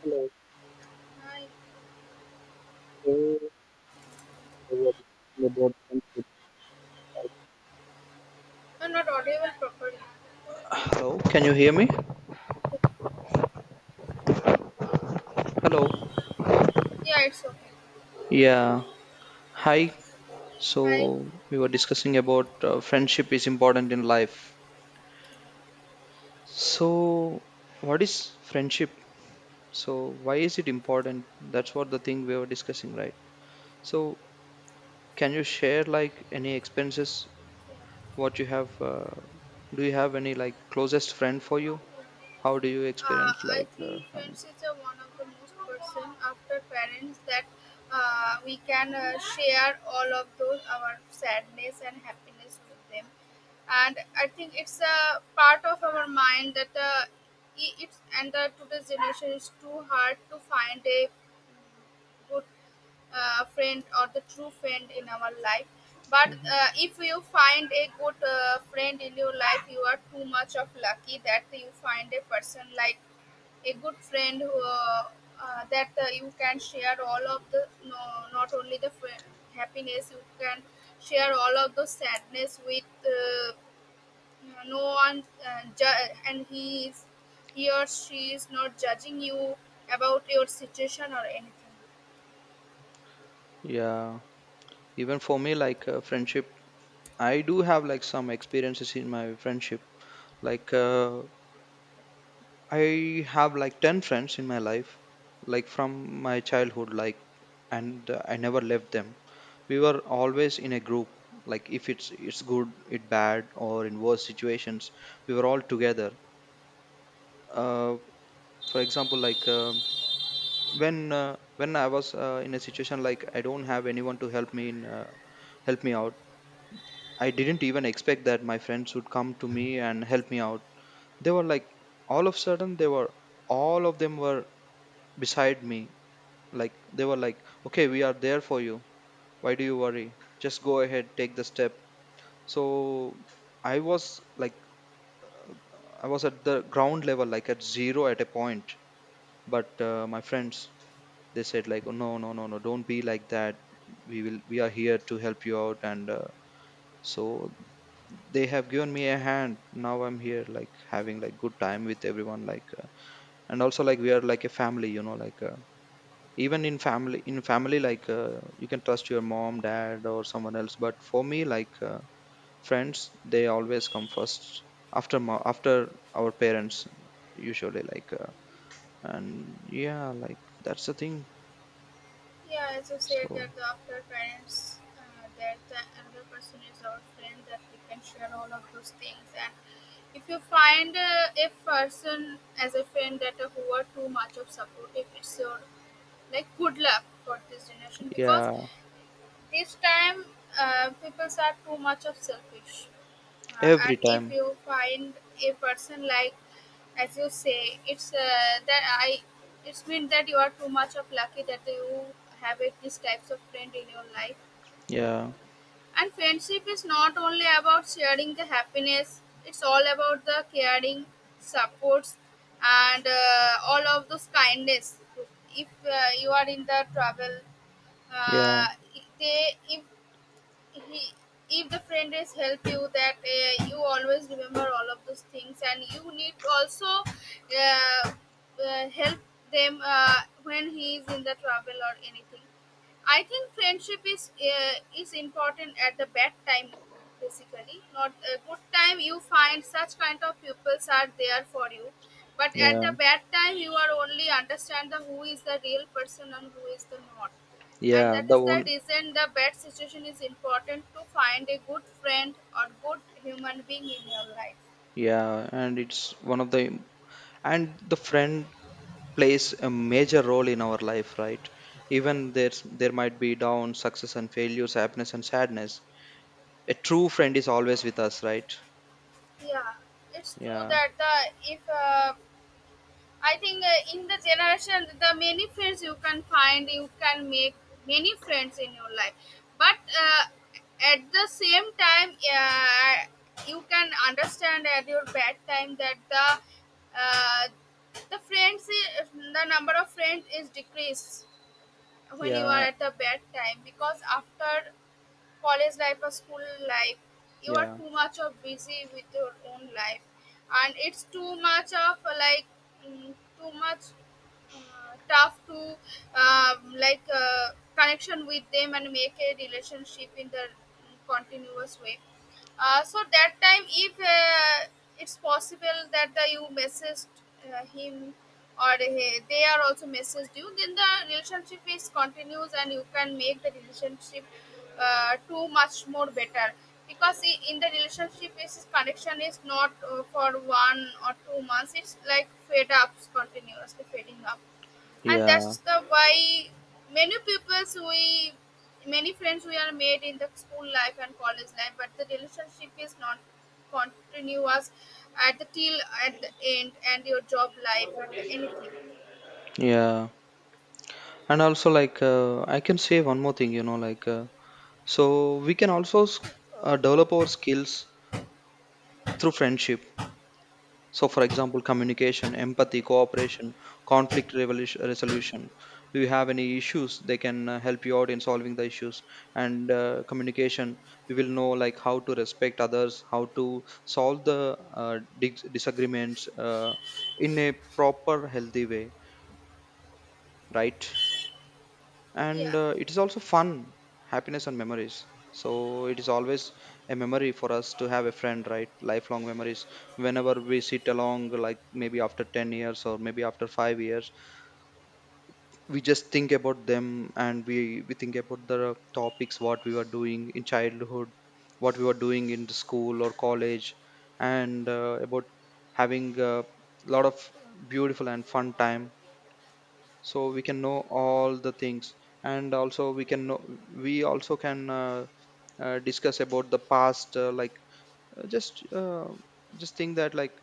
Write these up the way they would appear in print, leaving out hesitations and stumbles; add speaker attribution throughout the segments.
Speaker 1: Hello.
Speaker 2: Hi.
Speaker 1: So we are discussing about friendship.
Speaker 2: I'm not audible properly.
Speaker 1: Hello. Can you hear me? Hello.
Speaker 2: Yeah, it's okay.
Speaker 1: Yeah. Hi. So
Speaker 2: Hi.
Speaker 1: we were discussing about friendship is important in life. So what is friendship? So why is it important? That's what the thing we were discussing, right? So can you share like any experiences what you have? Do you have any like closest friend for you? How do you
Speaker 2: Uh,
Speaker 1: experience
Speaker 2: I
Speaker 1: like the?
Speaker 2: think
Speaker 1: I mean,
Speaker 2: friends is one of the most person after parents that we can share all of those our sadness and happiness with them, and I think it's a part of our mind that I- it's and the today's generation is too hard to find a good friend or the true friend in our life, but
Speaker 1: mhm.
Speaker 2: if you find a good friend in your life you are too much of lucky that you find a person like a good friend who, that you can share all of the no, not only the happiness, you can share all of the sadness with no one and he or she is not judging you about your situation or anything.
Speaker 1: Yeah, even for me, like friendship, I do have like some experiences in my friendship. Like I have like 10 friends in my life, like from my childhood, like and I never left them. We were always in a group. Like if it's good, it bad, or in worse situations, we were all together. Uh, for example, like when when I was in a situation like I don't have anyone to help me in help me out. I didn't even expect that my friends would come to me and help me out. They were like all of a sudden they were, all of them were beside me. Like they were like, okay, we are there for you, why do you worry, just go ahead, take the step. So I was like, uh, I was at the ground level, like at zero at a point. But my friends, they said like, oh, no no no no, don't be like that, we are here to help you out. And so they have given me a hand. Now I'm here like having like good time with everyone. Like and also like we are like a family, you know, like even in family, like you can trust your mom, dad, or someone else, but for me, like friends, they always come first after after our parents usually, like and yeah, like that's the thing.
Speaker 2: Yeah, as you said, that
Speaker 1: So
Speaker 2: the after parents, that the another person is our friend that we can share all of those things. And if you find a person as a friend that who are too much of supportive, it's your like good luck for this generation, because
Speaker 1: yeah.
Speaker 2: this time, people are too much of selfish,
Speaker 1: Every
Speaker 2: and if
Speaker 1: time.
Speaker 2: you find a person like, as you say, it's that I, it's mean that you are too much of lucky that you have it these types of friend in your life.
Speaker 1: Yeah.
Speaker 2: And friendship is not only about sharing the happiness; it's all about the caring, supports, and all of those kindness. If you are in the trouble,
Speaker 1: Yeah,
Speaker 2: uh, they if he if the friend is help you, that you always remember all of those things, and you need to also uh, help them when he is in the trouble or anything. I think friendship is important at the bad time, basically not a good time you find such kind of pupils are there for you, but at
Speaker 1: yeah,
Speaker 2: the bad time you are only understand the who is the real person and who is the not. And
Speaker 1: yeah,
Speaker 2: that
Speaker 1: the
Speaker 2: is the
Speaker 1: one.
Speaker 2: reason the bad situation is important to find a good friend or good human being in your life.
Speaker 1: Yeah. And it's one of the, and the friend plays a major role in our life, right? Even there might be down, success and failures, happiness and sadness, a true friend is always with us, right?
Speaker 2: Yeah, it's true
Speaker 1: Yeah,
Speaker 2: that the, if uh, I think in the generation the many friends you can find, you can make many friends in your life, but at the same time you can understand at your bad time that uh, the friends the number of friends is decreased when you are
Speaker 1: yeah,
Speaker 2: at a bad time, because after college life or school life you are
Speaker 1: yeah,
Speaker 2: too much of busy with your own life, and it's too much of like mm, too much tough to like connection with them and make a relationship in the continuous way. So that time, if it's possible that the, you messaged him, or he, they are also messaged you, then the relationship is continues and you can make the relationship too much more better, because in the relationship is connection is not for 1 or 2 months, it's like fade ups, continuously fading up. And
Speaker 1: yeah,
Speaker 2: that's the why many people's we many friends we are made in the school life and college life, but the relationship is not continuous at the till at the end and your job life and anything.
Speaker 1: yeah. And also like I can say one more thing, you know, like so we can also develop our skills through friendship. So, for example, communication, empathy, cooperation, resolution. Do you have any issues? They can help you out in solving the issues. And communication, we will know like how to respect others, how to solve the disagreements in a proper, healthy way, right? And
Speaker 2: Yeah,
Speaker 1: it is also fun, happiness and memories. So it is always a memory for us to have a friend, right? Lifelong memories. Whenever we sit along, like maybe after 10 years or maybe after 5 years, we just think about them, and we think about the topics what we were doing in childhood, what we were doing in the school or college, and about having a lot of beautiful and fun time. So we can know all the things, and also we can know, we also can discuss about the past, like uh, just uh, just think that like,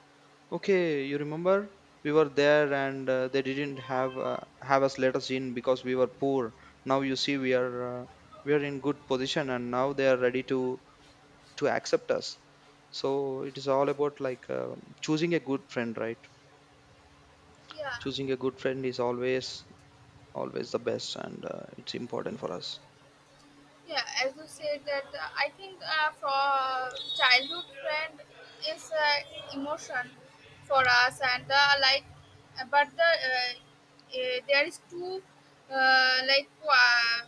Speaker 1: okay, you remember, we were there and they didn't have us, let us in because we were poor. Now you see we are in good position, and now they are ready to accept us. So it is all about like choosing a good friend, right?
Speaker 2: yeah,
Speaker 1: Choosing a good friend is always, always the best, and it's important for us.
Speaker 2: yeah, as you said that I think for childhood friend is emotion for us, and like but the there is too like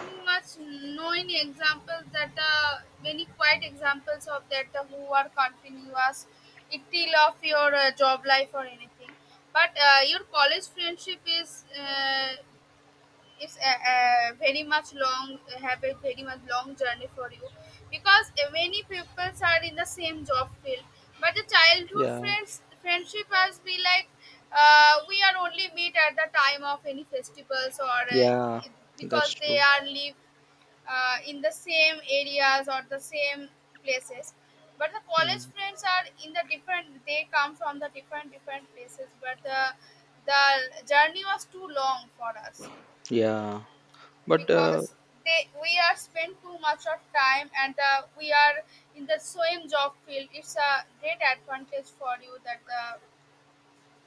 Speaker 2: too much known examples that many quite examples of that who are continuous it till of your job life or anything, but your college friendship is it's a very much long, have a very much long journey for you, because many people are in the same job field, but the childhood
Speaker 1: Yeah.
Speaker 2: friends friendship has be like we are only meet at the time of any festivals or
Speaker 1: Yeah.
Speaker 2: it- because
Speaker 1: That's
Speaker 2: they
Speaker 1: true.
Speaker 2: are live in the same areas or the same places, but the
Speaker 1: Yeah.
Speaker 2: college friends are in the different, they come from the different different places, but the journey was too long for us,
Speaker 1: Yeah. But
Speaker 2: because they we are spend too much of time, and we are in the same job field, it's a great advantage for you that the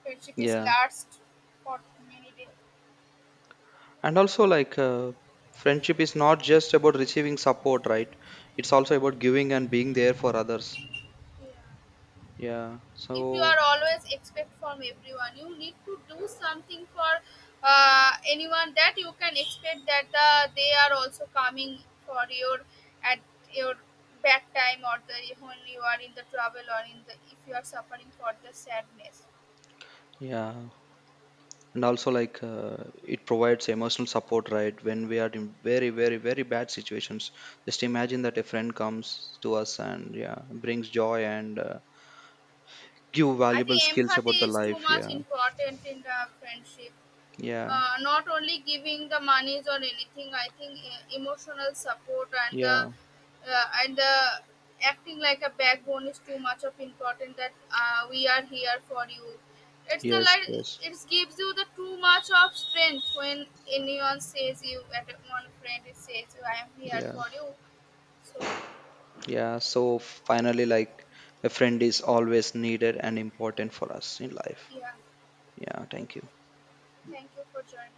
Speaker 2: friendship is
Speaker 1: yeah.
Speaker 2: last for many days.
Speaker 1: And also like friendship is not just about receiving support, right? It's also about giving and being there for others. Yeah.
Speaker 2: If you are
Speaker 1: So
Speaker 2: always expect from everyone, you need to do something for anyone, that you can expect that they are also coming for your at your back time, or the when you are in the trouble, or in the if you are suffering for the sadness.
Speaker 1: yeah. And also like it provides emotional support, right? When we are in very, very, very bad situations, just imagine that a friend comes to us, and yeah, brings joy, and give
Speaker 2: I think
Speaker 1: valuable skills about
Speaker 2: empathy
Speaker 1: the
Speaker 2: is too
Speaker 1: life.
Speaker 2: much
Speaker 1: Yeah.
Speaker 2: important in the friendship.
Speaker 1: Yeah,
Speaker 2: Not only giving the monies or anything. I think emotional support, and the
Speaker 1: yeah,
Speaker 2: and the acting like a backbone is too much of important. That we are here for you. It's the
Speaker 1: yes,
Speaker 2: like
Speaker 1: yes,
Speaker 2: it gives you the too much of strength when anyone says you at one friend says I am here
Speaker 1: yeah,
Speaker 2: for you. So
Speaker 1: yeah. So finally, like a friend is always needed and important for us in life.
Speaker 2: yeah,
Speaker 1: Yeah, thank you.
Speaker 2: thank you for joining.